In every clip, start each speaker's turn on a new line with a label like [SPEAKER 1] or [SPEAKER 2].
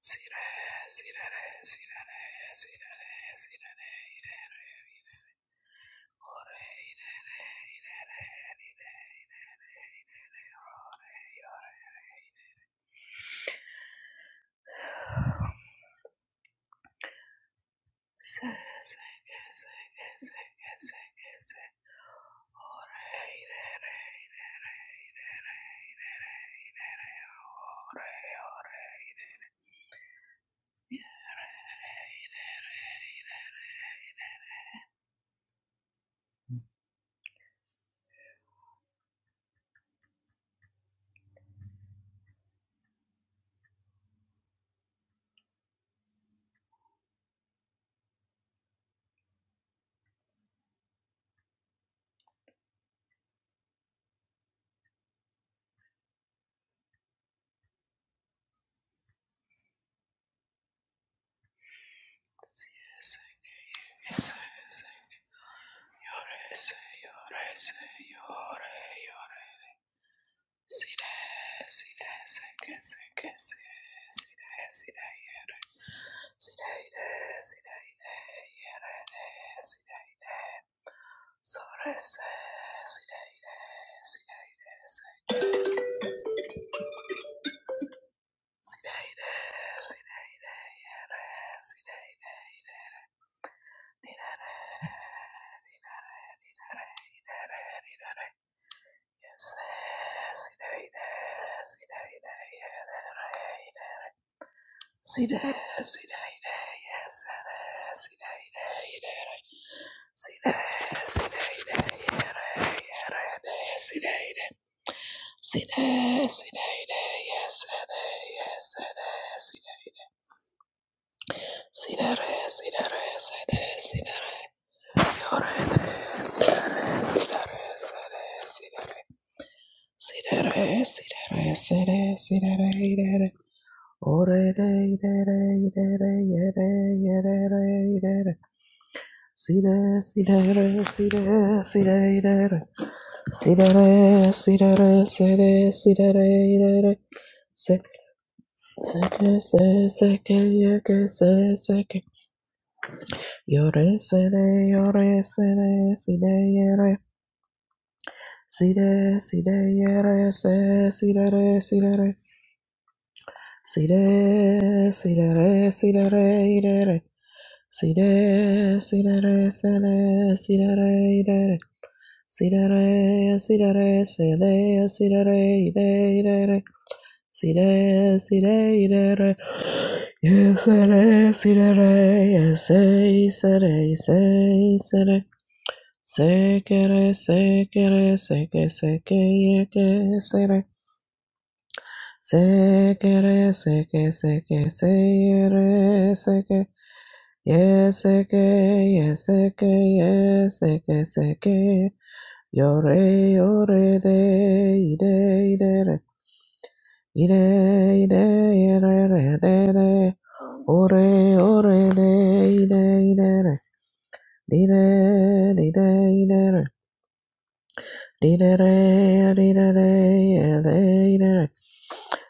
[SPEAKER 1] Sirene, sirene, sirene, sirene, sirene, irene, ore, irene, irene. Se, se, que, se, que, se, que, se, que, se, ore, irene, irene, ore, ore. Si, se, que, se, señore, señore, señore, ore. Sire, sire, se, que, se, que, se, sire, sire, ire. Sire, ire, sire, ire, irene, Sorese, sireire, sireire, se- sireire, sireire, ere, sireire, nirere, ere, irere, nirere, yese, sireire, sireire, ere, ere, ire, sire, sireire, yesere, sireire, irere, sire, sireire, ere, ere, ne, sireire, Sire, sire, ire, yes, ire, yes, ire, sire, sire, re, sire, re, sire, sire, re, yore, re, sire, re, sire, re, sire, sire, re, sire, re, sire, re, sire, sire, re, ire, re, ore, re, ire, re, ire, re, yere, yere, re, ire, re, sire, sire, re, sire, sire, ire, re, sire, re, sire, re, sire, sire, re, de re, Seke se seke yeke se seke yore se de yore se de si de yere si de si de yere se si de re si de re si de si de re si de re ire re si de si de re se de si de re ire re si de re si de re se de si de re ire ire re si de si de ire re yesere, it is, it is, yes, it is, yes, it is. Sekere, sekere, seke, seke, yeke, sere. Sekere, seke, seke, seyere, seke. Yes, seke, yes, seke, yes, seke, seke. Yore, yore, de, ide, idere Ire, ire, ire, re, re, re. Ore, ore, re, ire, ire, re. Dire, dire, ire, re. Dire, re, dire, re, ire, ire, re.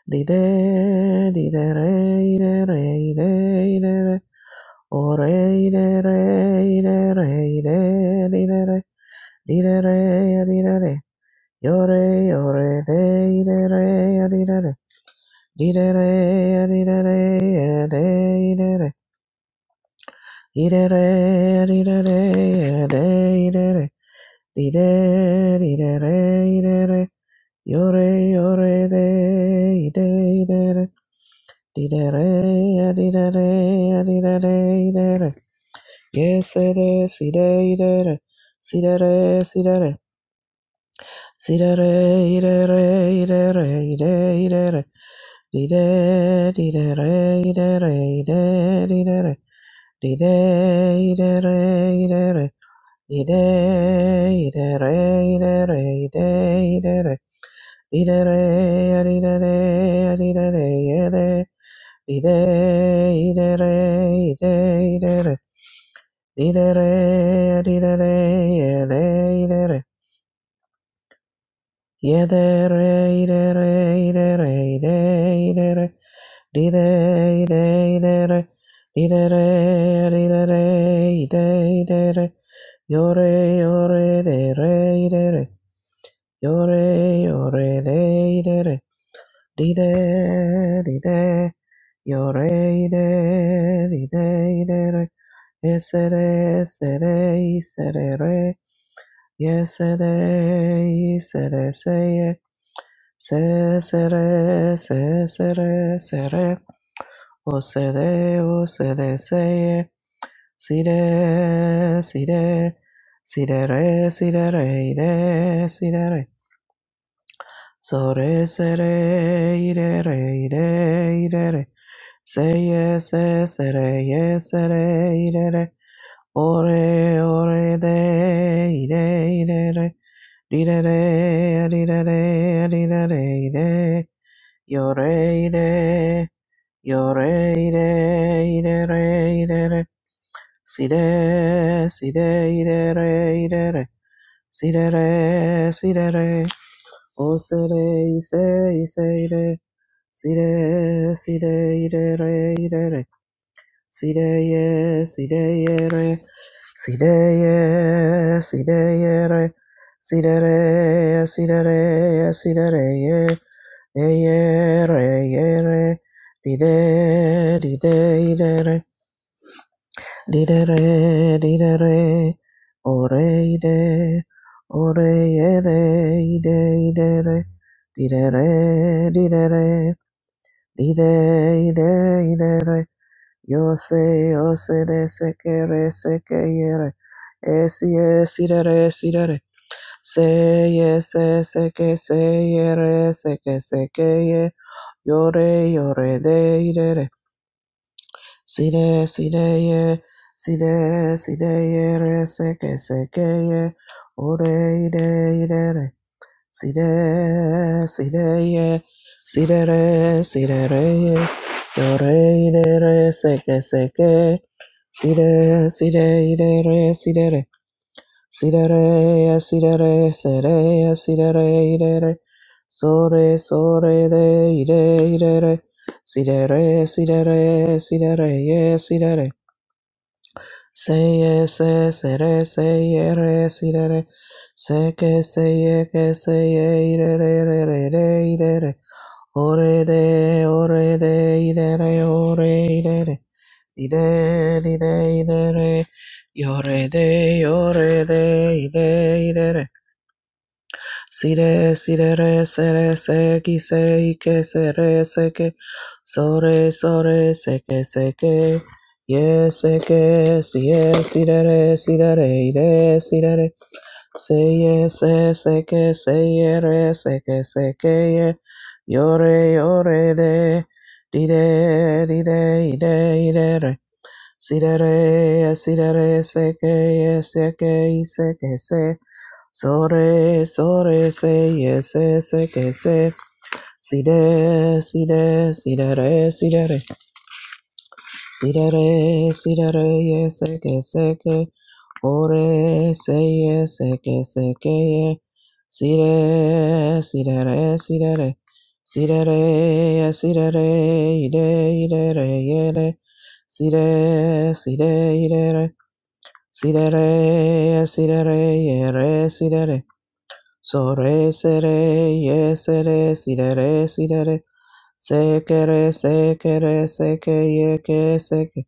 [SPEAKER 1] Dire, dire, re, ire, re, ire, ire, re. Ore, ire, re, ire, re, ire, dire, re. Dire, re, dire, re. Yore, yore, re, ire, re, dire, re. Yes, it is. Idere, idere, sidere, sidere, sidere, idere, idere, idere, idere, idere, idere, idere, idere, idere. Ide, ide, re, ide, re. Ide, ide, re, ide, re, ide, ide, re. Ide, re, ide, re, ide, re, ide. Ide, ide, re, ide, ide, re. Ide, re, ide, re, ide, ide, re. Ide, re, ide, re, ide, re, ide, ide, re. Dee-dee, dee, dee-dee, dee-dee-dee, dee-dee-dee, dee, dee-dee. Yore, yore, dee-dee, dee-dee. Yore, yore, dee, dee-dee. Dee-dee, dee-dee. Yore, dee, dee-dee, yore dee dee dee dee yo re Yesere, re yes re. yes re yes re re yes re isere, seye. Se, sere, se, sere, re se re. O se de, o se se se si de si de Osede, osede, seye, re, side, sidere, sidere, ide, sidere, sore, sere, re se re, ide, idere, re, se, ye se se re ye, se re sere, re, ore, ore, de, ide, idere, didere, adidere, adidere, ide, yo re ide, yore, ide, idere, re. ide re, Sire, sire, irere, irere, sirere, sirere, o sire, ise, ise, ire, sire, sire, irere, irere, sire, ye, sire, yere, sire, ye, sire, yere, sirere, sirere, sirere, ye, e, yere, yere, dide, dide, irere, Didere, didere, ore ide, ore ede, ide, idere, didere, didere, ide, ide, idere, yose, yose, de, sekere, sekere, esi, esidere, sidere, seye, se, yes, e, seke, seyere, seke, sekeye, yore, yore, de, idere, Side, side, yeah. Side, side, yeah. Re, seke, seke, yeah. Ore, ide, ide, re. Side, side, yeah. Side, re, side, re, yeah. Yore, ide, re, seke, seke. Side, side, ide, re, side, re. Sidere, sidere, sere, sidere, idere, sore, sore, de, ide, idere, sidere, sidere, sidere, ye, sidere, seye, se, sere, seye, re, sidere, se, que seye, que seye, idere, re, re, re, idere, ore, de, ore, de, idere, ore, idere, ide, ide, idere, yore, de, yore, de, ide, idere, Si re si re re se re se ki se i ke se re se ke so re so re se ke se ke ye se ke si ye si re re si re re i re si re re se ye se se ke se ye re se ke se ke ye yo re yo re de di de di de i de i de re si re re si re re se ke ye se ke i se ke se Sore, sore, se, ye se, se, que se. Si de, si de, si de re, si de re. Si de re, si de re, ye se, que se, que. Ore, se, ye se, que se, que ye. Si de, si de re, si de re. Si de re, yes, si de re, i de, i de re, ye de. Si de, si de, i de re. Si de re, ye si de re, ye re, si de re. So re se re ye se re si re re si re re se ke re se ke re se ke ye ke se ke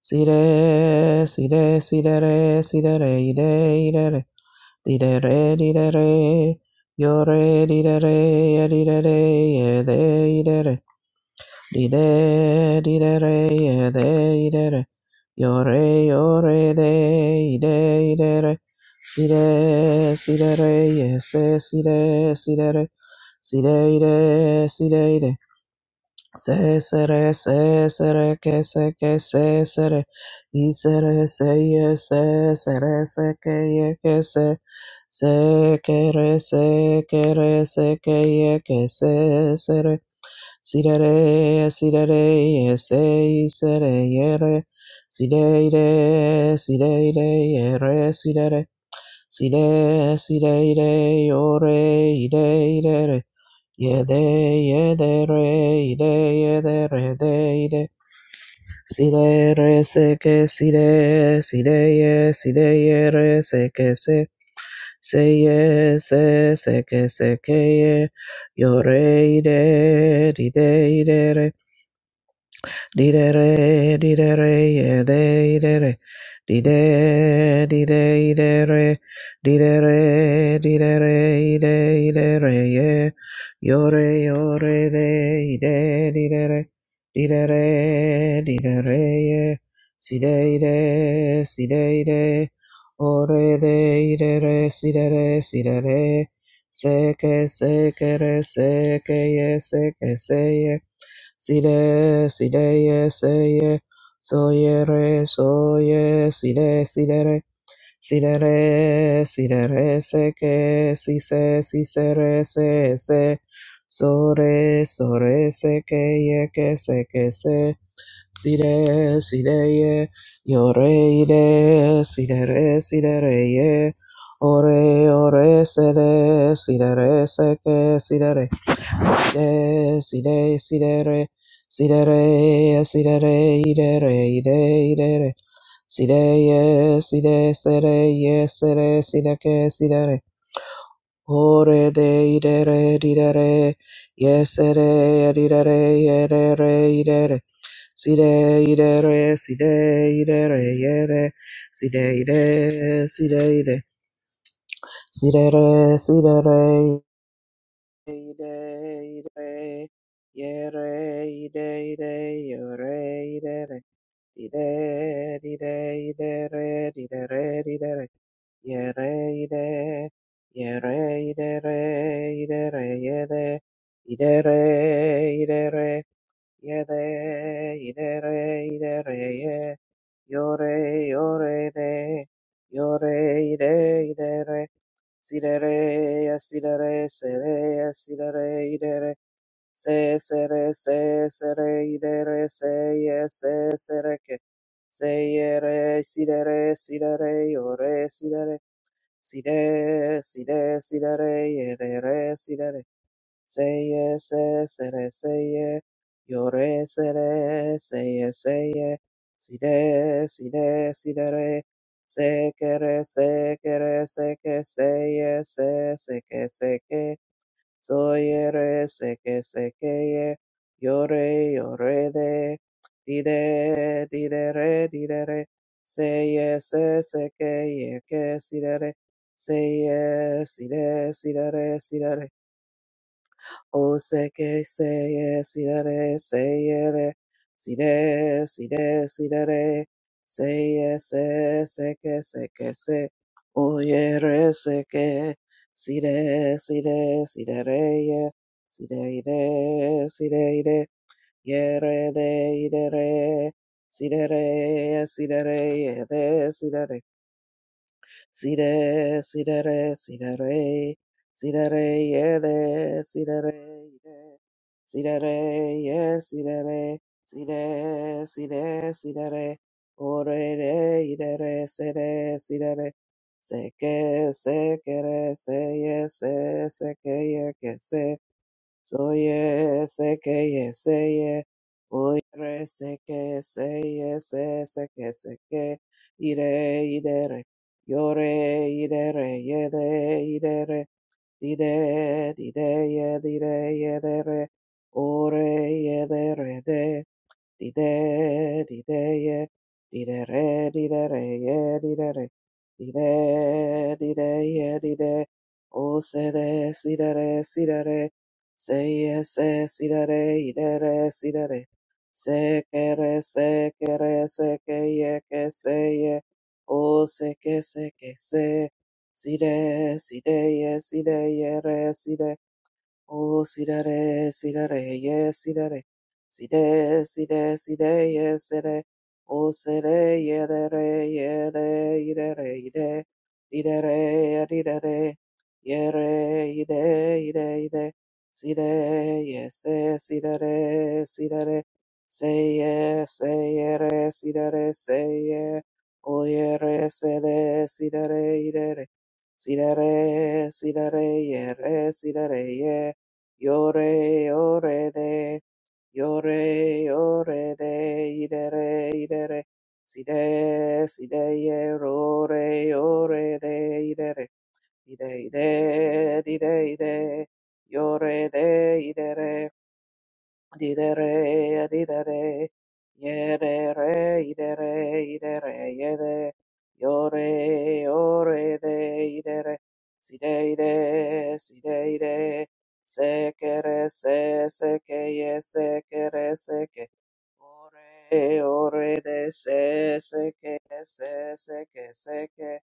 [SPEAKER 1] si re si re si re re si re re i re i re re di re re di re re yo re di re re ye di re re ye de i re re di re di re re ye de i re re Yore, yore, de, ide, ide, re. Sire, sire, re, yese, sire, sire, re. Sire, ide, sire, ide. Se, sere, se, sere, ke, se, ke, se, sere. I, sere, se, ye, se, sere, se, ke, ye, ke, se. Se, ke, re, se, ke, re, se, ke, ye, ke, se, sere. Sidere, sidere, sei, sere, yere, sideire, sideire, yere, sidere, side, sideire, yore, ide, idere, yede, yedere, ide, yedere, de, ide, sidere, seke, side, sideye, sideyere, seke, se, seye, se, seke, sekeye, yore, ide, ide, idere, Didere, didere, yede, idere. Dide, dide, idere. Didere, didere, ide, idere, ye. Yore, yore, de, ide, didere. Didere, didere, ye. Side, ide, side, ide. Ore, de, idere, sidere, sidere. Seke, sekere, seke, ye, seke, seye. Sile, sile, ye, se, ye, so, ye, re, so, ye, sile, sile, re, sile, re, sile, re, se, ke, si, se, si, se, re, se, se, so, re, so, re, se, ke, ye, ke, se, ke, se, sile, sile, ye, yo, re, ile, sile, re, sile, re, ye, ore, ore, se, de, sile, re, se, ke, sile, re, Ide, side, sidere, sidere, sidere, idere, ide, idere, sideye, side, sere, ye, sere, sideke, sidere, ore, de, idere, didere, ye, sere, didere, yedere, idere, side, idere, side, idere, yede, side, ide, side, ide, sidere, sidere, ide ide yere ide ide yore ide re ide ide ide re ide re ide re yere ide yere ide re ide re yede ide re ide re yede ide re ide re ye yore yore de yore ide ide re Sirere, sirere, sere, sirere, idere, se, sere, se, sere, idere, se, ye, se, sereke, seyere, sirere, sirere, yore, sirere, side, side, sirere, yedere, sirere. Seye, se, sere, seye, yore, sere, seye, seye, side, side, sidere, sekere, sekere, seke, seye, se, seke, seke, soyere, seke, sekeye, yore, yore, de, dide, didere, didere, seye, se, seke, yeke, sidere, seye, side, sidere, sidere, O seke seye sidere seyere side side sidere seye se seke seke se oyere seke side side sidere ye side ide side ide yere de idere sidere sidere ye si de Sire, sirere, sirere, sirere, yede, sirere, yede, sirere, ye, sirere, sire, sire, sirere, orere, idere, sere, sirere, seke, sekere, seye, se, sekeye, kese, Soye seke ye seye oire seke seye se seke seke ire idere yore idere yede idere dide dide yedire yedere ore yedere de Di Dide, dide, ye, dide, re, di dide, re, ye, dide, re, Di dide, ye, dide. O se de, si de re, si de re, se ye, se, si de re, ide re, si de re. Se que re, se que re, se que ye, que se ye. O se que se que se, si de, si de ye, si de ye, re, si de. Oh, sidere, sidere, yes, sidere. Side, side, side, yes, side. Oh, side, yedere, yede, idere, ide. Idere, idere, yere, ide, ide, ide. Side, yes, eh, sidere, sidere. Say, yes, say, yere, sidere, say, yeah. Oh, yere, sede, sidere, idere. Sidere, sidere, yere, sidere, yeah. Yore, yore de, yore, yore de, idere, idere, side, side, yore, yore de, idere, ide, ide, ide, ide, yore de, idere, Didere, didere, yedere, idere, idere, yede, yore, yore, de, idere, sideide, sideide, sekere, se, seke, ye, sekere, seke, ore, ore, de, se, seke, se, seke, seke,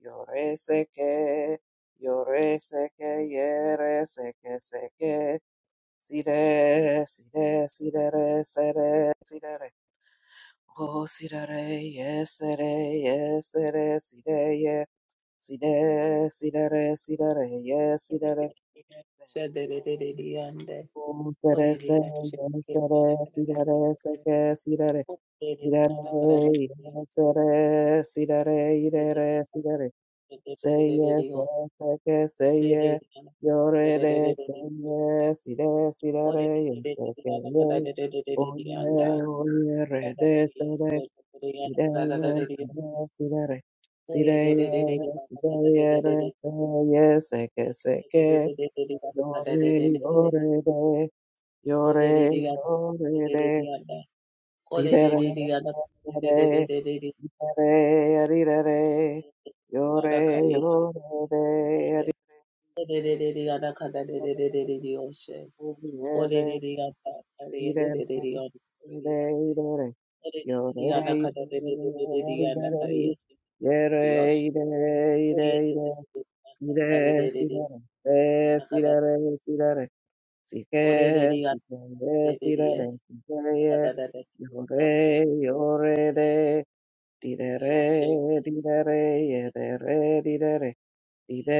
[SPEAKER 1] yore, seke, yore, seke, yere, seke, seke, Si re, si re, si re, re, se re, si re, re. Oh, si re, re, ye, se re, ye, se re, si re, ye. Si re, si re, re, si re, re, ye, si re,
[SPEAKER 2] Ore
[SPEAKER 1] re. Se re, se re. Oh, se re, se, ye, se re, si re, re, se ke, si re, re. Si re, re, ye, se re, si re, re, i re, re, si re, re. Say yes, say yes, say yes. Yore re, say yes, yes, yes, yes, yes, yes. Oh yeah, oh yeah, re, de, say re, si de, yes, si de re. Si de yes, si de yeah, re, say yes, say que, say que. Yore, yore de, yore, yore de. Ri de re, re, re, re, re, re.
[SPEAKER 2] Yoshe,
[SPEAKER 1] Yore, yore de, re. Yore, yore,
[SPEAKER 2] Yes,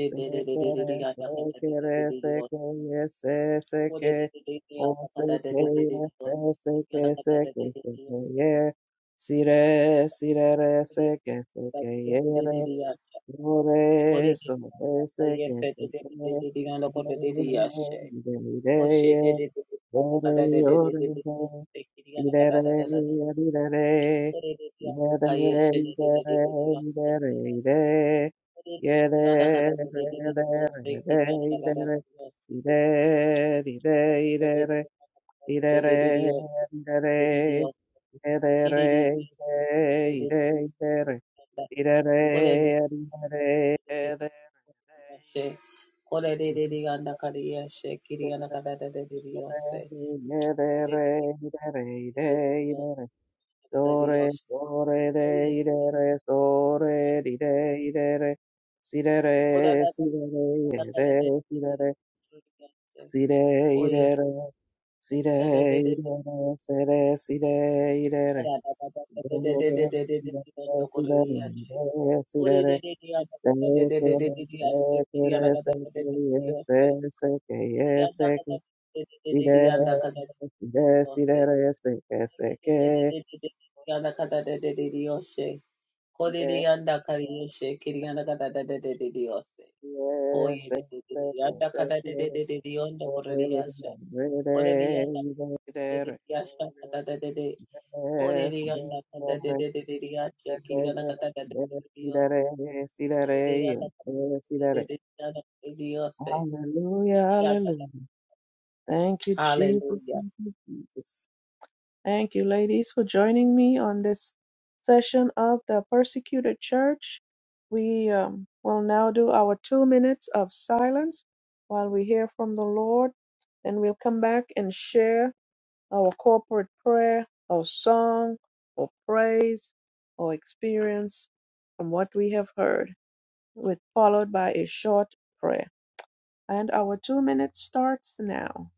[SPEAKER 1] Se quiere, se quiere, se quiere, se, se que, o se quiere, se, se que, se que, se quiere, si re, si re, re, se que, se quiere, Ore, eso ese que se cree de ideas, ore, ore, ore, irere, irere, irere, irere, irere, irere, irere, irere, irere, irere, irere, irere, irere, Idere, idere, idere, ide, ide, idere. Idere, idere,
[SPEAKER 2] Kore
[SPEAKER 1] idere, idere, idere, ide, idere. Dore, dore, de, idere, dore, dide, idere. Sidere, sidere, ide, sidere. Sire, idere,
[SPEAKER 2] Oye,
[SPEAKER 1] sire, idere, sere, sire, idere. Yes,
[SPEAKER 2] Oriyanda kata de de de de riya kiriyanda kata de de de de Dios. Oriyanda kata de de de de de Dios.
[SPEAKER 1] Hallelujah,
[SPEAKER 2] Ilakata.
[SPEAKER 1] hallelujah. Thank you, Jesus. Thank you, Jesus. Thank you, ladies, for joining me on this session of the persecuted church. We um, will now do our two minutes of silence while we hear from the Lord. Then we'll come back and share our corporate prayer, our song, our praise, our experience from what we have heard, with followed by a short prayer. And our two minutes starts now.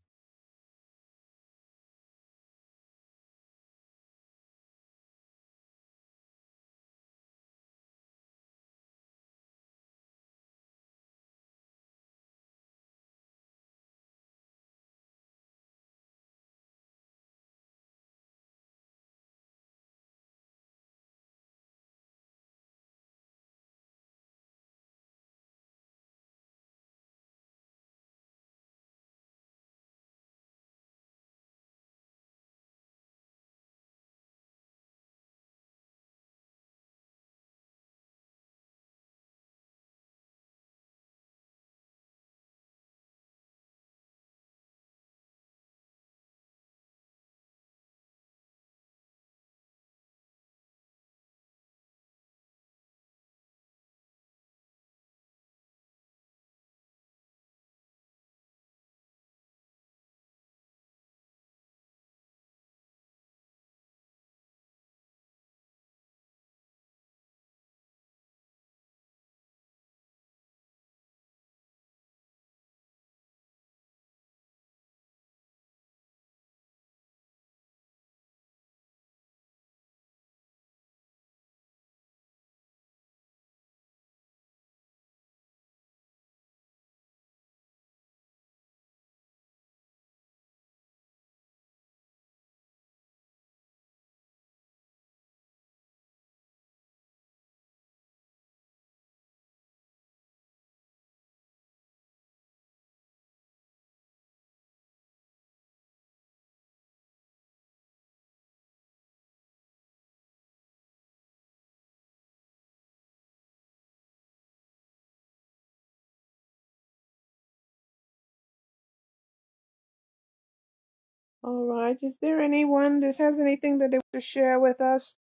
[SPEAKER 1] All right. Is there anyone that has anything that they want to share with us?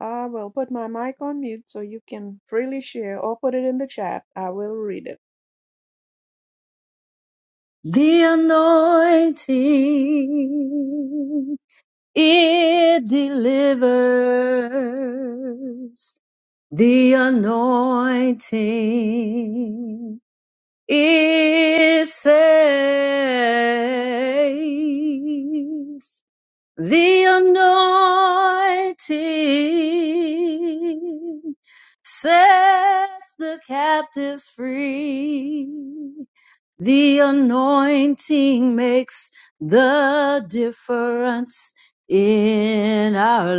[SPEAKER 1] I will put my mic on mute so you can freely share or put it in the chat. I will read it.
[SPEAKER 3] The anointing, it delivers. The anointing, it saves. The anointing sets the captives free. The anointing makes the difference in our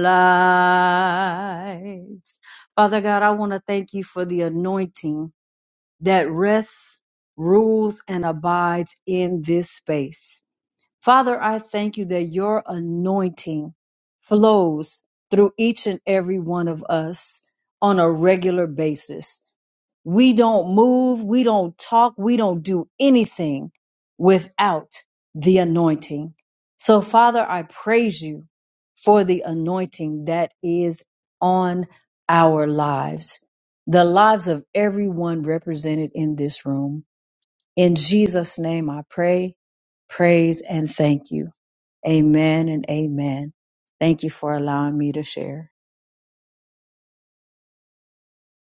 [SPEAKER 3] lives. Father God, I want to thank you for the anointing that rests, rules, and abides in this space. Father, I thank you that your anointing flows through each and every one of us on a regular basis. We don't move, we don't talk, we don't do anything without the anointing. So, Father, I praise you for the anointing that is on our lives, the lives of everyone represented in this room. In Jesus' name, I pray, praise, and thank you. Amen and amen. Thank you for allowing me to share.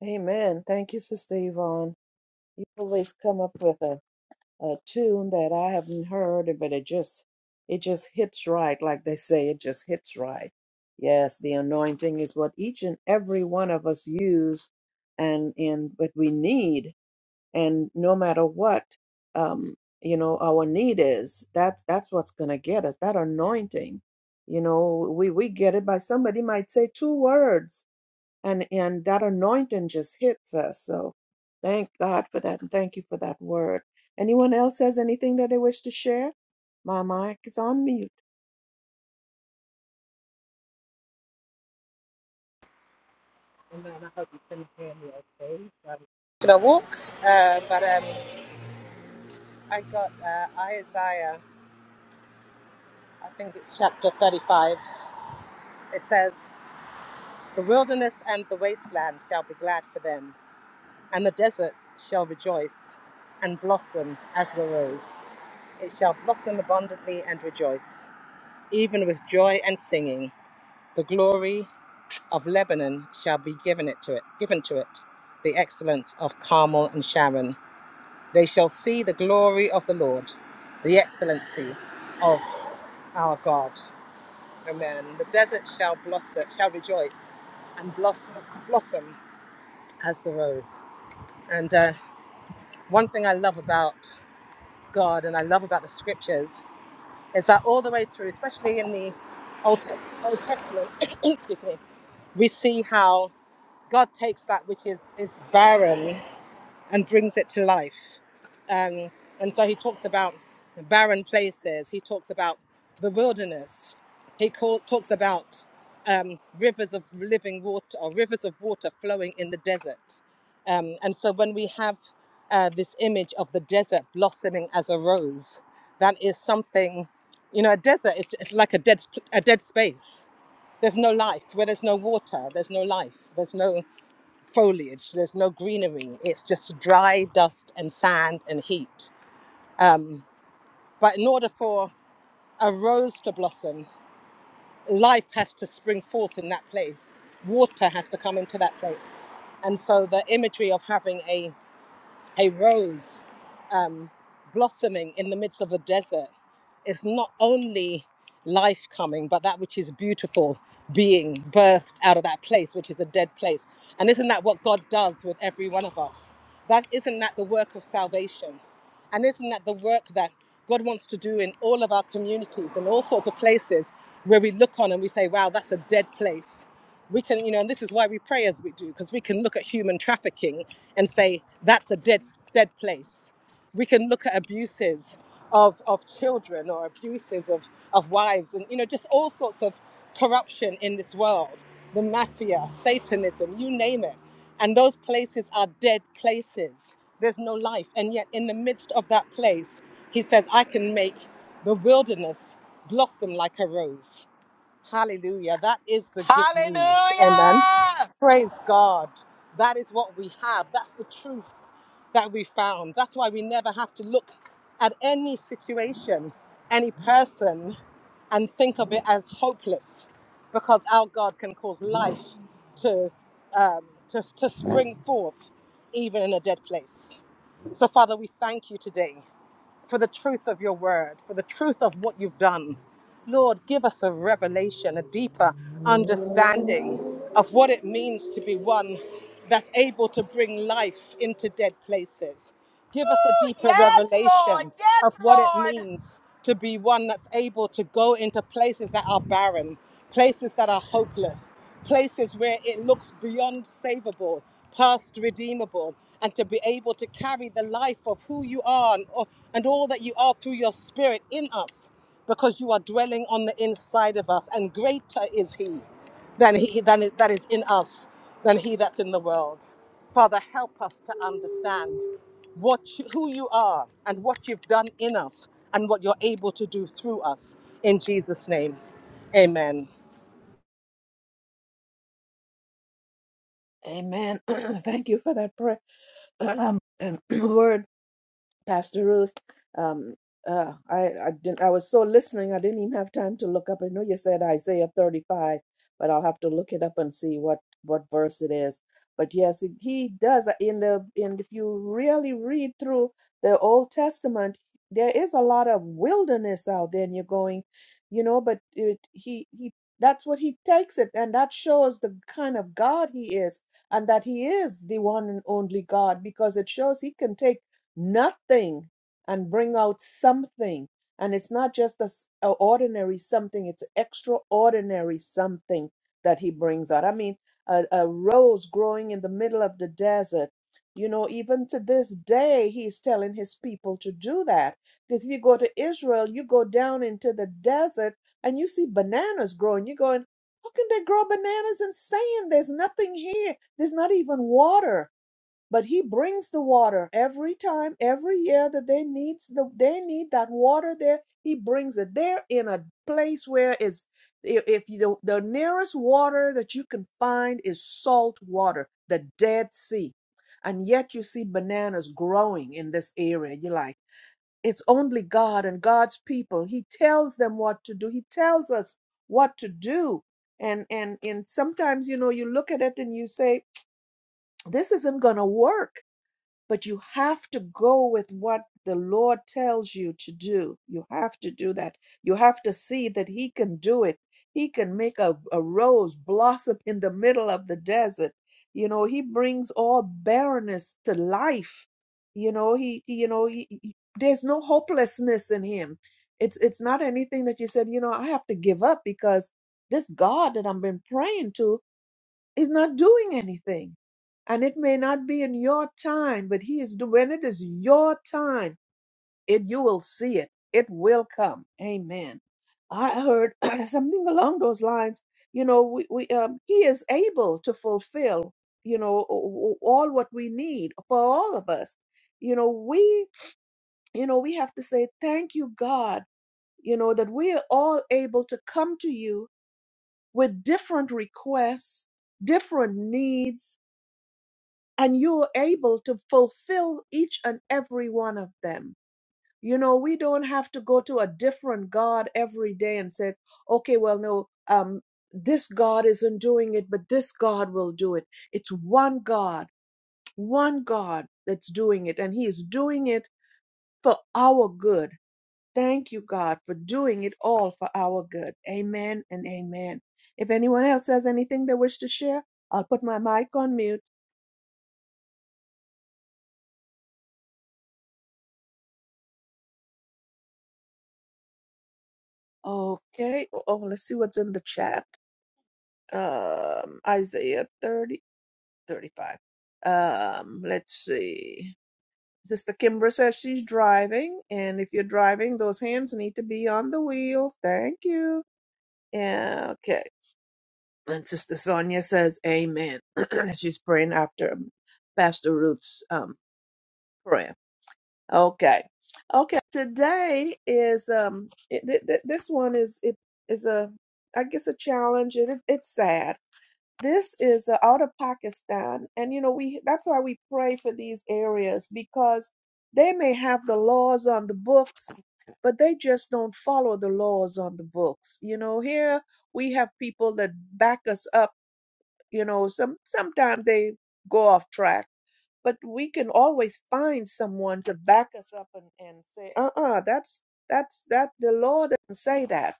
[SPEAKER 1] Amen. Thank you, Sister Yvonne. You always come up with a, a tune that I haven't heard, but it just it just hits right, like they say, it just hits right. Yes, the anointing is what each and every one of us use and and what we need and no matter what um you know our need is that's that's what's going to get us that anointing you know we we get it by somebody might say two words and and that anointing just hits us so thank god for that and thank you for that word anyone else has anything that they wish to share my mic is on mute
[SPEAKER 4] Amen. I hope you can hear me okay. Um, should I walk? Uh, but um, I got uh, Isaiah, I think it's chapter 35. It says, The wilderness and the wasteland shall be glad for them, and the desert shall rejoice and blossom as the rose. It shall blossom abundantly and rejoice, even with joy and singing. The glory of Lebanon shall be given it to it, given to it, the excellence of Carmel and Sharon They shall see the glory of the Lord, the excellency of our God. Amen. The desert shall blossom, shall rejoice, and blossom, blossom as the rose. And uh, one thing I love about God and I love about the scriptures is that all the way through, especially in the Old, Tes- Old Testament, excuse me, we see how God takes that which is is barren and brings it to life. Um, and so he talks about barren places, he talks about the wilderness, he call, talks about um, rivers of living water or rivers of water flowing in the desert. Um, and so when we have uh, this image of the desert blossoming as a rose, that is something, you know, a desert is it's like a dead, a dead space. There's no life. Where there's no water, there's no life. There's no foliage. There's no greenery. It's just dry dust and sand and heat. Um, but in order for a rose to blossom, life has to spring forth in that place. Water has to come into that place. And so the imagery of having a a rose um, blossoming in the midst of a desert is not only life coming, but that which is beautiful being birthed out of that place, which is a dead place. And isn't that what God does with every one of us? That isn't that the work of salvation? And isn't that the work that God wants to do in all of our communities and all sorts of places where we look on and we say, wow, that's a dead place? We can, you know, and this is why we pray as we do, because we can look at human trafficking and say, that's a dead, dead place. We can look at abuses of, of children or abuses of, of wives and, you know, just all sorts of corruption in this world the mafia, Satanism, you name it. And those places are dead places. There's no life. And yet, in the midst of that place, he says, I can make the wilderness blossom like a rose. Hallelujah. That is the good news. Amen.
[SPEAKER 5] Hallelujah.
[SPEAKER 4] Praise God. That is what we have. That's the truth that we found. That's why we never have to look at any situation, any person, and think of it as hopeless because our God can cause life to, um, to, to spring forth even in a dead place. So, Father, we thank you today for the truth of your word, for the truth of what you've done. Lord, give us a revelation, a deeper understanding of what it means to be one that's able to bring life into dead places. Give us a
[SPEAKER 5] Ooh,
[SPEAKER 4] deeper
[SPEAKER 5] yes, Lord.
[SPEAKER 4] revelation
[SPEAKER 5] Yes,
[SPEAKER 4] of what it
[SPEAKER 5] Lord.
[SPEAKER 4] means to be one that's able to go into places that are barren, places that are hopeless, places where it looks beyond savable past redeemable, and to be able to carry the life of who you are and, and all that you are through your spirit in us, because you are dwelling on the inside of us, and greater is He than He than it- that is in us than He that's in the world. Father, help us to understand what you, who you are and what you've done in us and what you're able to do through us. In Jesus' name, Amen.
[SPEAKER 1] amen thank you for that prayer um, and word Pastor Ruth. Um, uh, I I didn't. I was so listening. I didn't even have time to look up. I know you said Isaiah 35, but I'll have to look it up and see what what verse it is. But yes, it- he does uh, in the in. If you really read through the Old Testament, there is a lot of wilderness out there, and you're going, you know. But it, he he. That's what he takes it, and that shows the kind of God he is, and that he is the one and only God, because it shows he can take nothing and bring out something. And it's not just a, s- a ordinary something, it's extraordinary something that he brings out. I mean, a, a rose growing in the middle of the desert. You know, even to this day, he's telling his people to do that. Because if you go to Israel, you go down into the desert and you see bananas growing. You're going, how can they grow bananas in sand? There's nothing here. There's not even water but he brings the water every time every year that they needs the they need that water there he brings it they're in a place where is if, if you, the nearest water that you can find is salt water the dead sea and yet you see bananas growing in this area you're like it's only god and god's people he tells them what to do he tells us what to do and and and sometimes you know you look at it and you say this isn't going to work but you have to go with what the Lord tells you to do. You have to do that. You have to see that He can do it. He can make a, a rose blossom in the middle of the desert. You know, He brings all barrenness to life. You know, He, you know, he, he- there's no hopelessness in Him. It's it's not anything that you said, you know, I have to give up because this God that I've been praying to, He's not doing anything. And it may not be in your time, but he is do- when it is your time, it you will see it. It will come. Amen. I heard something along those lines. You know, we, we um, he is able to fulfill, you know, o- o- all what we need for all of us. You know, we, you know, we have to say thank you, God. You know that we are all able to come to you with different requests, different needs, and you're able to fulfill each and every one of them. You know, we don't have to go to a different God every day and say, okay, well, no, um, this God isn't doing it, but this God will do it. It's one God, one God that's doing it, and He is doing it for our good. Thank you, God, for doing it all for our good. Amen and amen. If anyone else has anything they wish to share, I'll put my mic on mute. Okay. Oh, oh, let's see what's in the chat. Um, Isaiah 30 35. Um, let's see. Sister Kimbra says she's driving, and if you're driving, those hands need to be on the wheel. Thank you. Yeah, okay. And Sister Sonia says, Amen. she's praying after Pastor Ruth's um prayer. Okay. Okay. Today is um it, th- th- this one is it is a I guess a challenge and it, it's sad. This is uh, out of Pakistan and you know we that's why we pray for these areas because they may have the laws on the books but they just don't follow the laws on the books. You know, here we have people that back us up, you know, some sometimes they go off track but we can always find someone to back us up and, and say, uh-uh, that's that's that the law doesn't say that.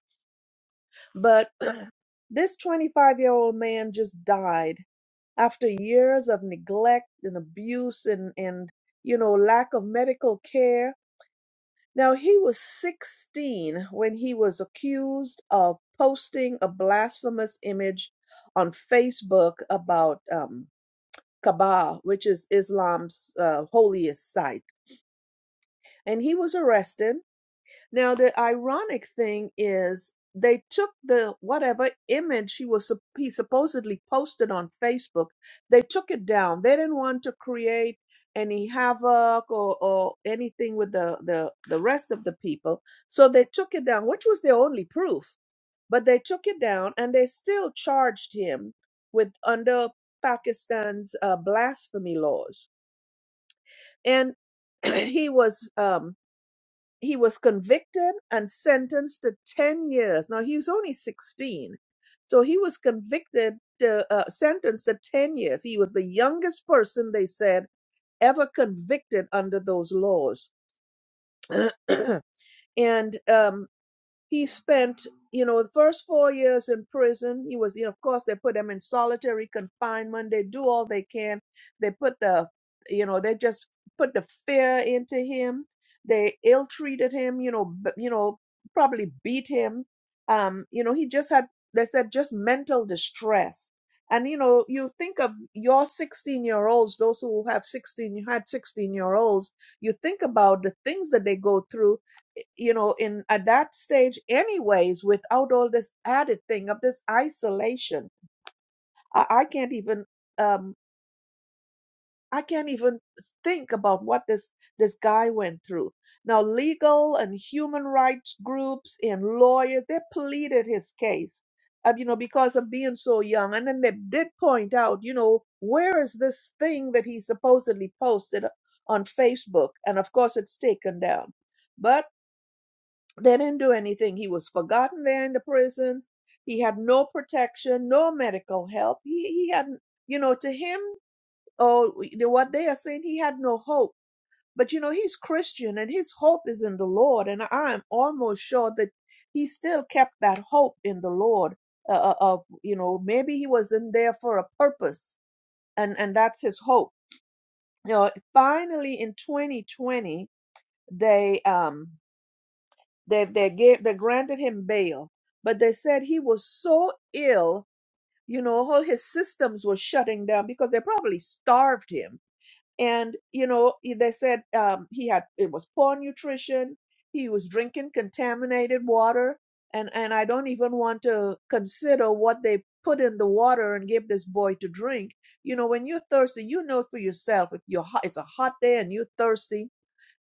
[SPEAKER 1] But this 25 year old man just died after years of neglect and abuse and, and you know lack of medical care. Now he was 16 when he was accused of posting a blasphemous image on Facebook about um, Kaaba, which is Islam's uh, holiest site and he was arrested. Now, the ironic thing is they took the whatever image he was he supposedly posted on Facebook, they took it down. They didn't want to create any havoc or, or anything with the, the, the rest of the people. So they took it down, which was their only proof. But they took it down and they still charged him with under Pakistan's uh, blasphemy laws. And he was um, he was convicted and sentenced to 10 years. Now, he was only 16. So he was convicted, to, uh, sentenced to 10 years. He was the youngest person, they said, ever convicted under those laws. and um, he spent, you know, the first four years in prison. He was, you know, of course, they put him in solitary confinement. They do all they can. They put the, you know, they just put the fear into him. They ill treated him, you know, b- you know, probably beat him. Um, you know, he just had, they said, just mental distress. And you know, you think of your 16 year olds, those who have 16, you had 16 year olds, you think about the things that they go through you know in at that stage anyways without all this added thing of this isolation i, I can't even um i can't even think about what this this guy went through now legal and human rights groups and lawyers they pleaded his case uh, you know because of being so young and then they did point out you know where is this thing that he supposedly posted on facebook and of course it's taken down but They didn't do anything. He was forgotten there in the prisons. He had no protection, no medical help. He he had, you know, to him, oh, the- what they are saying, he had no hope. But you know, he's Christian, and his hope is in the Lord. And I'm almost sure that he still kept that hope in the Lord. Uh, uh, of you know, maybe he was in there for a purpose, and and that's his hope. You know, finally in 2020, they um They they gave they granted him bail, but they said he was so ill, you know, all his systems were shutting down because they probably starved him. And you know, he- they said um, he had it was poor nutrition. He was drinking contaminated water, and and I don't even want to consider what they put in the water and gave this boy to drink. You know, when you're thirsty, you know for yourself if you're hot, it's a hot day and you're thirsty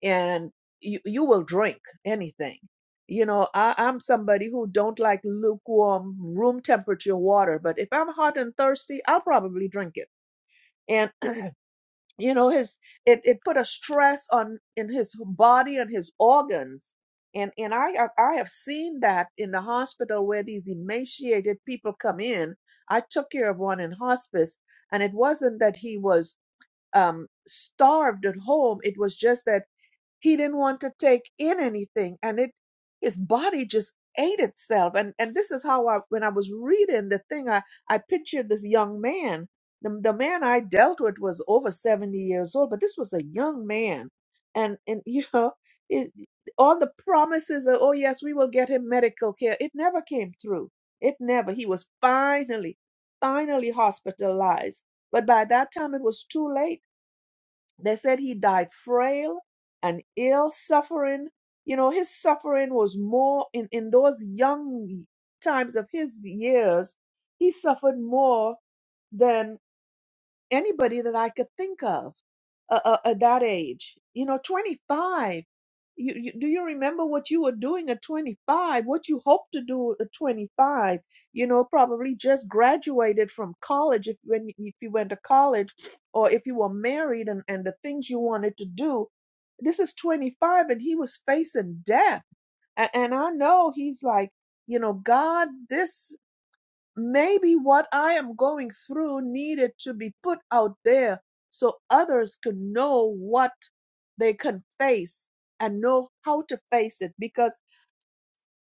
[SPEAKER 1] and you, you will drink anything. You know, I, I'm somebody who don't like lukewarm room temperature water, but if I'm hot and thirsty, I'll probably drink it. And you know, his it, it put a stress on in his body and his organs. And and I have- I have seen that in the hospital where these emaciated people come in. I took care of one in hospice, and it wasn't that he was um starved at home. It was just that he didn't want to take in anything and it his body just ate itself and and this is how i when i was reading the thing i i pictured this young man the, the man i dealt with was over 70 years old but this was a young man and and you know it, all the promises of oh yes we will get him medical care it never came through it never he was finally finally hospitalized but by that time it was too late they said he died frail and ill, suffering. You know, his suffering was more in, in those young times of his years, he suffered more than anybody that I could think of uh, uh, at that age. You know, 25. You, you, do you remember what you were doing at 25? What you hoped to do at 25? You know, probably just graduated from college if when if you went to college, or if you were married and, and the things you wanted to do. This is 25, and he was facing death. And, and I know he's like, you know, God, this. Maybe what I am going through needed to be put out there so others could know what they can face and know how to face it. Because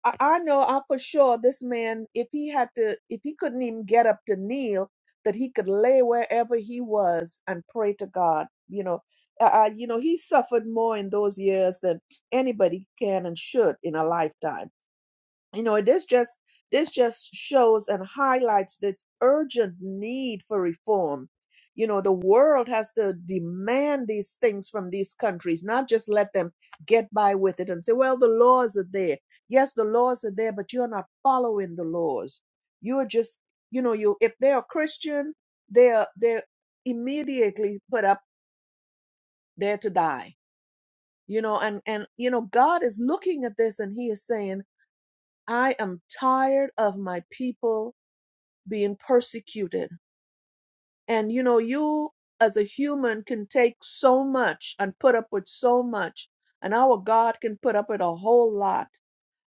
[SPEAKER 1] I, I know I for sure this man, if he had to, if he couldn't even get up to kneel, that he could lay wherever he was and pray to God. You know, uh, uh, you know, he suffered more in those years than anybody can and should in a lifetime you know this just this just shows and highlights the urgent need for reform you know the world has to demand these things from these countries not just let them get by with it and say well the laws are there yes the laws are there but you're not following the laws you're just you know you if they're a christian they're they're immediately put up there to die you know and and you know god is looking at this and he is saying I am tired of my people being persecuted. And you know, you as a human can take so much and put up with so much, and our God can put up with a whole lot.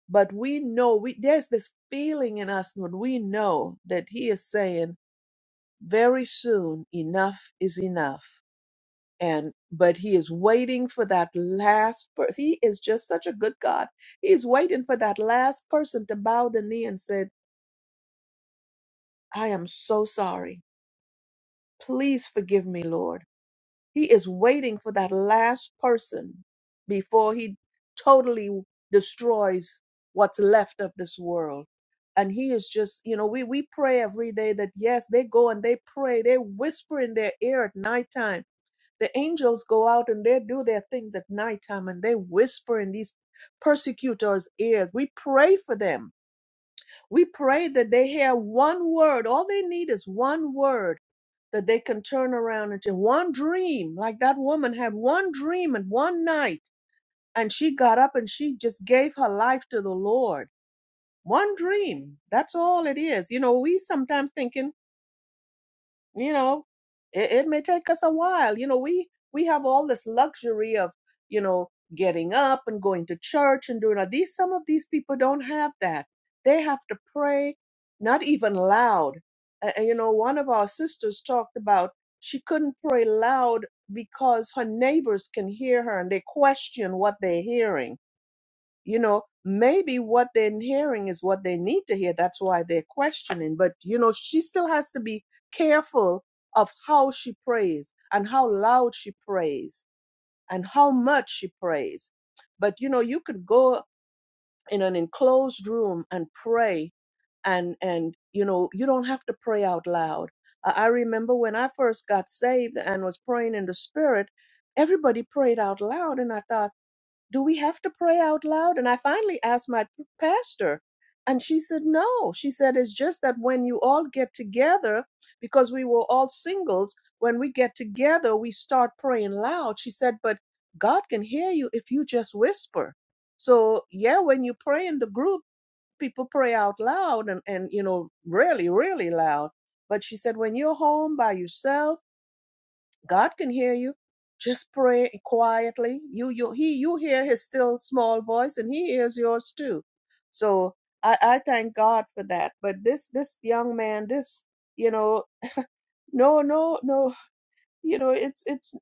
[SPEAKER 1] But we know we there's this feeling in us when we know that He is saying, very soon enough is enough. And but he is waiting for that last person. He is just such a good God. He's waiting for that last person to bow the knee and say, I am so sorry. Please forgive me, Lord. He is waiting for that last person before he totally destroys what's left of this world. And he is just, you know, we, we pray every day that yes, they go and they pray, they whisper in their ear at nighttime. The angels go out and they do their things at nighttime and they whisper in these persecutors' ears. We pray for them we pray that they hear one word. All they need is one word that they can turn around into one dream. Like that woman had one dream and one night, and she got up and she just gave her life to the Lord. One dream. That's all it is. You know, we sometimes thinking you know it, it may take us a while you know we we have all this luxury of you know getting up and going to church and doing all these some of these people don't have that they have to pray not even loud Uh, uh, you know one of our sisters talked about she couldn't pray loud because her neighbors can hear her and they question what they're hearing you know maybe what they're hearing is what they need to hear that's why they're questioning but you know she still has to be careful of how she prays and how loud she prays and how much she prays but you know you could go in an enclosed room and pray and and you know you don't have to pray out loud i I remember when i first got saved and was praying in the spirit everybody prayed out loud and i thought do we have to pray out loud? And I finally asked my p- pastor, and she said, no. She said, it's just that when you all get together, because we were all singles, when we get together, we start praying loud. She said, but God can hear you if you just whisper. So, yeah, when you pray in the group, people pray out loud and, and you know, really, really loud. But she said, when you're home by yourself, God can hear you. Just pray quietly. You, you, he, you hear his still small voice, and he hears yours too. So I, I thank God for that. But this, this young man, this, you know, no, no, no, you know, it's, it's.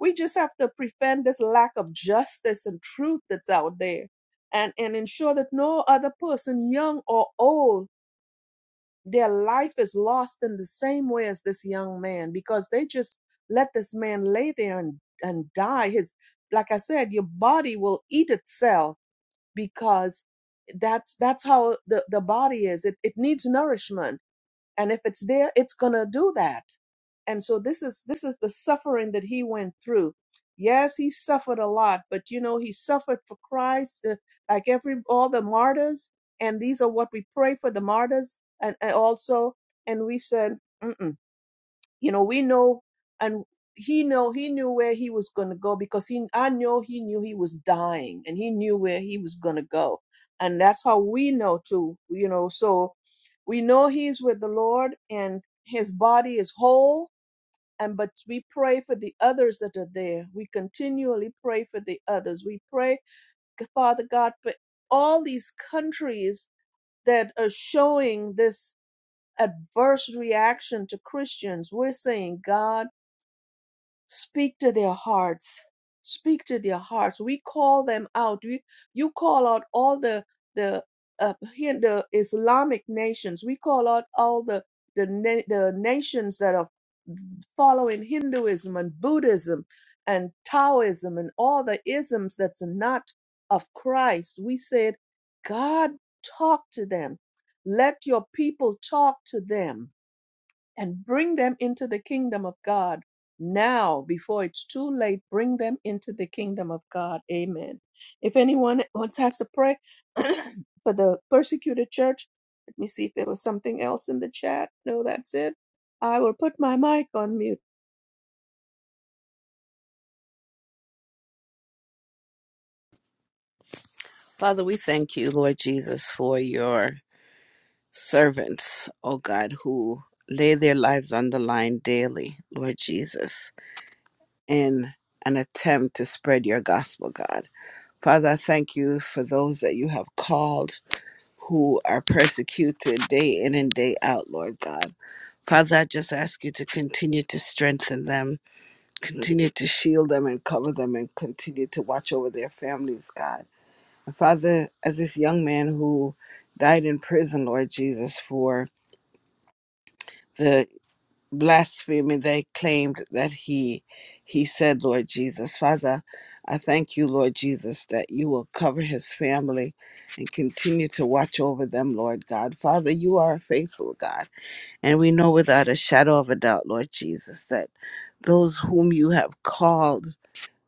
[SPEAKER 1] We just have to prevent this lack of justice and truth that's out there, and and ensure that no other person, young or old, their life is lost in the same way as this young man because they just let this man lay there and, and die. His, like I said, your body will eat itself because that's that's how the, the body is. It it needs nourishment and if it's there it's going to do that and so this is this is the suffering that he went through yes he suffered a lot but you know he suffered for christ uh, like every all the martyrs and these are what we pray for the martyrs and, and also and we said Mm-mm you know we know and he know he knew where he was going to go because he i know he knew he was dying and he knew where he was going to go and that's how we know too you know so we know he's with the lord and his body is whole and but we pray for the others that are there we continually pray for the others we pray father god for all these countries that are showing this adverse reaction to christians we're saying god Speak to their hearts. Speak to their hearts. We call them out. We, you call out all the the uh, here the Islamic nations. We call out all the the na- the nations that are following Hinduism and Buddhism and Taoism and all the isms that's not of Christ. We said, God, talk to them. Let your people talk to them and bring them into the kingdom of God now before it's too late. Bring them into the kingdom of God. Amen. If anyone wants us to pray for the persecuted church, let me see if there was something else in the chat. No, that's it. I will put my mic on mute.
[SPEAKER 6] Father, we thank you, Lord Jesus, for your servants, oh God, who lay their lives on the line daily, Lord Jesus, in an attempt to spread your gospel, God. Father, I thank you for those that you have called who are persecuted day in and day out, Lord God. Father, I just ask you to continue to strengthen them, continue to shield them and cover them, and continue to watch over their families, God. Father, as this young man who died in prison, Lord Jesus, for the blasphemy they claimed that he he said, Lord Jesus, Father, I thank you, Lord Jesus, that you will cover his family and continue to watch over them, Lord God. Father, you are a faithful God. And we know without a shadow of a doubt, Lord Jesus, that those whom you have called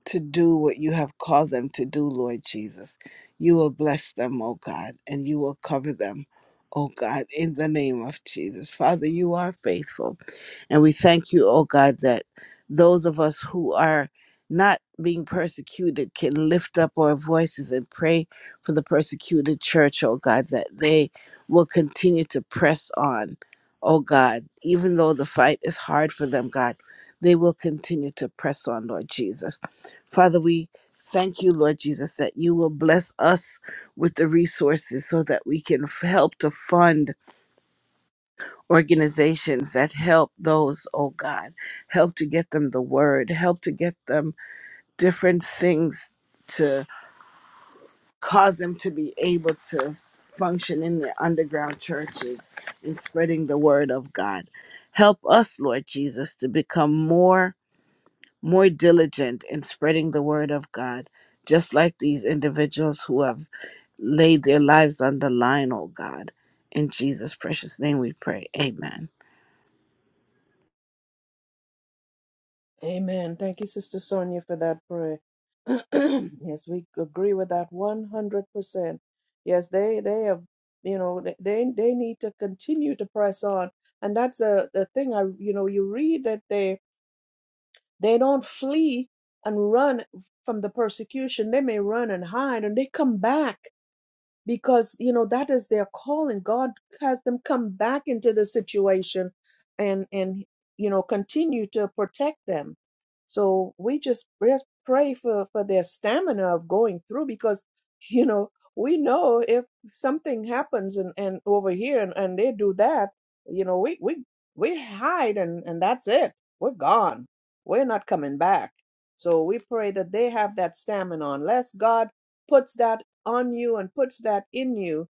[SPEAKER 6] to do what you have called them to do, Lord Jesus. You will bless them, O God, and you will cover them, O God, in the name of Jesus. Father, you are faithful. And we thank you, oh God, that those of us who are not being persecuted can lift up our voices and pray for the persecuted church, oh God, that they will continue to press on, oh God, even though the fight is hard for them, God, they will continue to press on, Lord Jesus. Father, we thank you, Lord Jesus, that you will bless us with the resources so that we can f- help to fund organizations that help those, oh God, help to get them the word, help to get them different things to cause them to be able to function in the underground churches in spreading the word of God. Help us, Lord Jesus, to become more more diligent in spreading the word of God, just like these individuals who have laid their lives on the line, oh God. In Jesus' precious name we pray. Amen.
[SPEAKER 1] Amen. Thank you, Sister Sonia, for that prayer. yes, we agree with that 100%. Yes, they they have, you know, they they they need to continue to press on. And that's a the thing I, you know, you read that they they don't flee and run from the persecution. They may run and hide and they come back because you know that is their calling god has them come back into the situation and and you know continue to protect them so we just just pray for for their stamina of going through because you know we know if something happens and and over here and, and they do that you know we we we hide and and that's it we're gone we're not coming back so we pray that they have that stamina unless god puts that on you and puts that in you,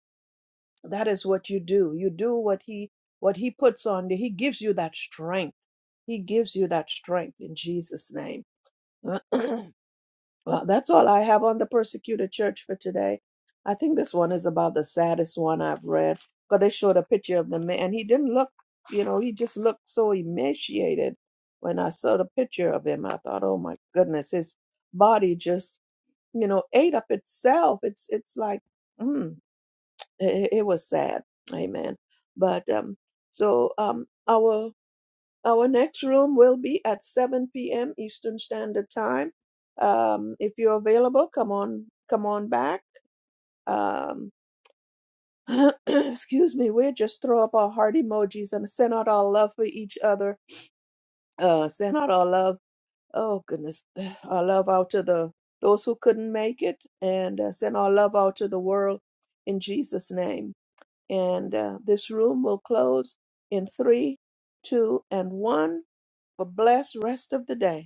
[SPEAKER 1] that is what you do. You do what he what he puts on you. He gives you that strength. He gives you that strength in Jesus' name. well, that's all I have on the persecuted church for today. I think this one is about the saddest one I've read because they showed a picture of the man. He didn't look, you know, he just looked so emaciated. When I saw the picture of him, I thought, oh my goodness, his body just, you know, ate up itself. It's it's like, mm it, it was sad amen but um so um our our next room will be at 7 p.m eastern standard time um if you're available come on come on back um excuse me we'll just throw up our heart emojis and send out our love for each other uh send out our love oh goodness our love out to the those who couldn't make it and uh, send our love out to the world in jesus name And uh, this room will close in three, two, and one. Have a blessed rest of the day.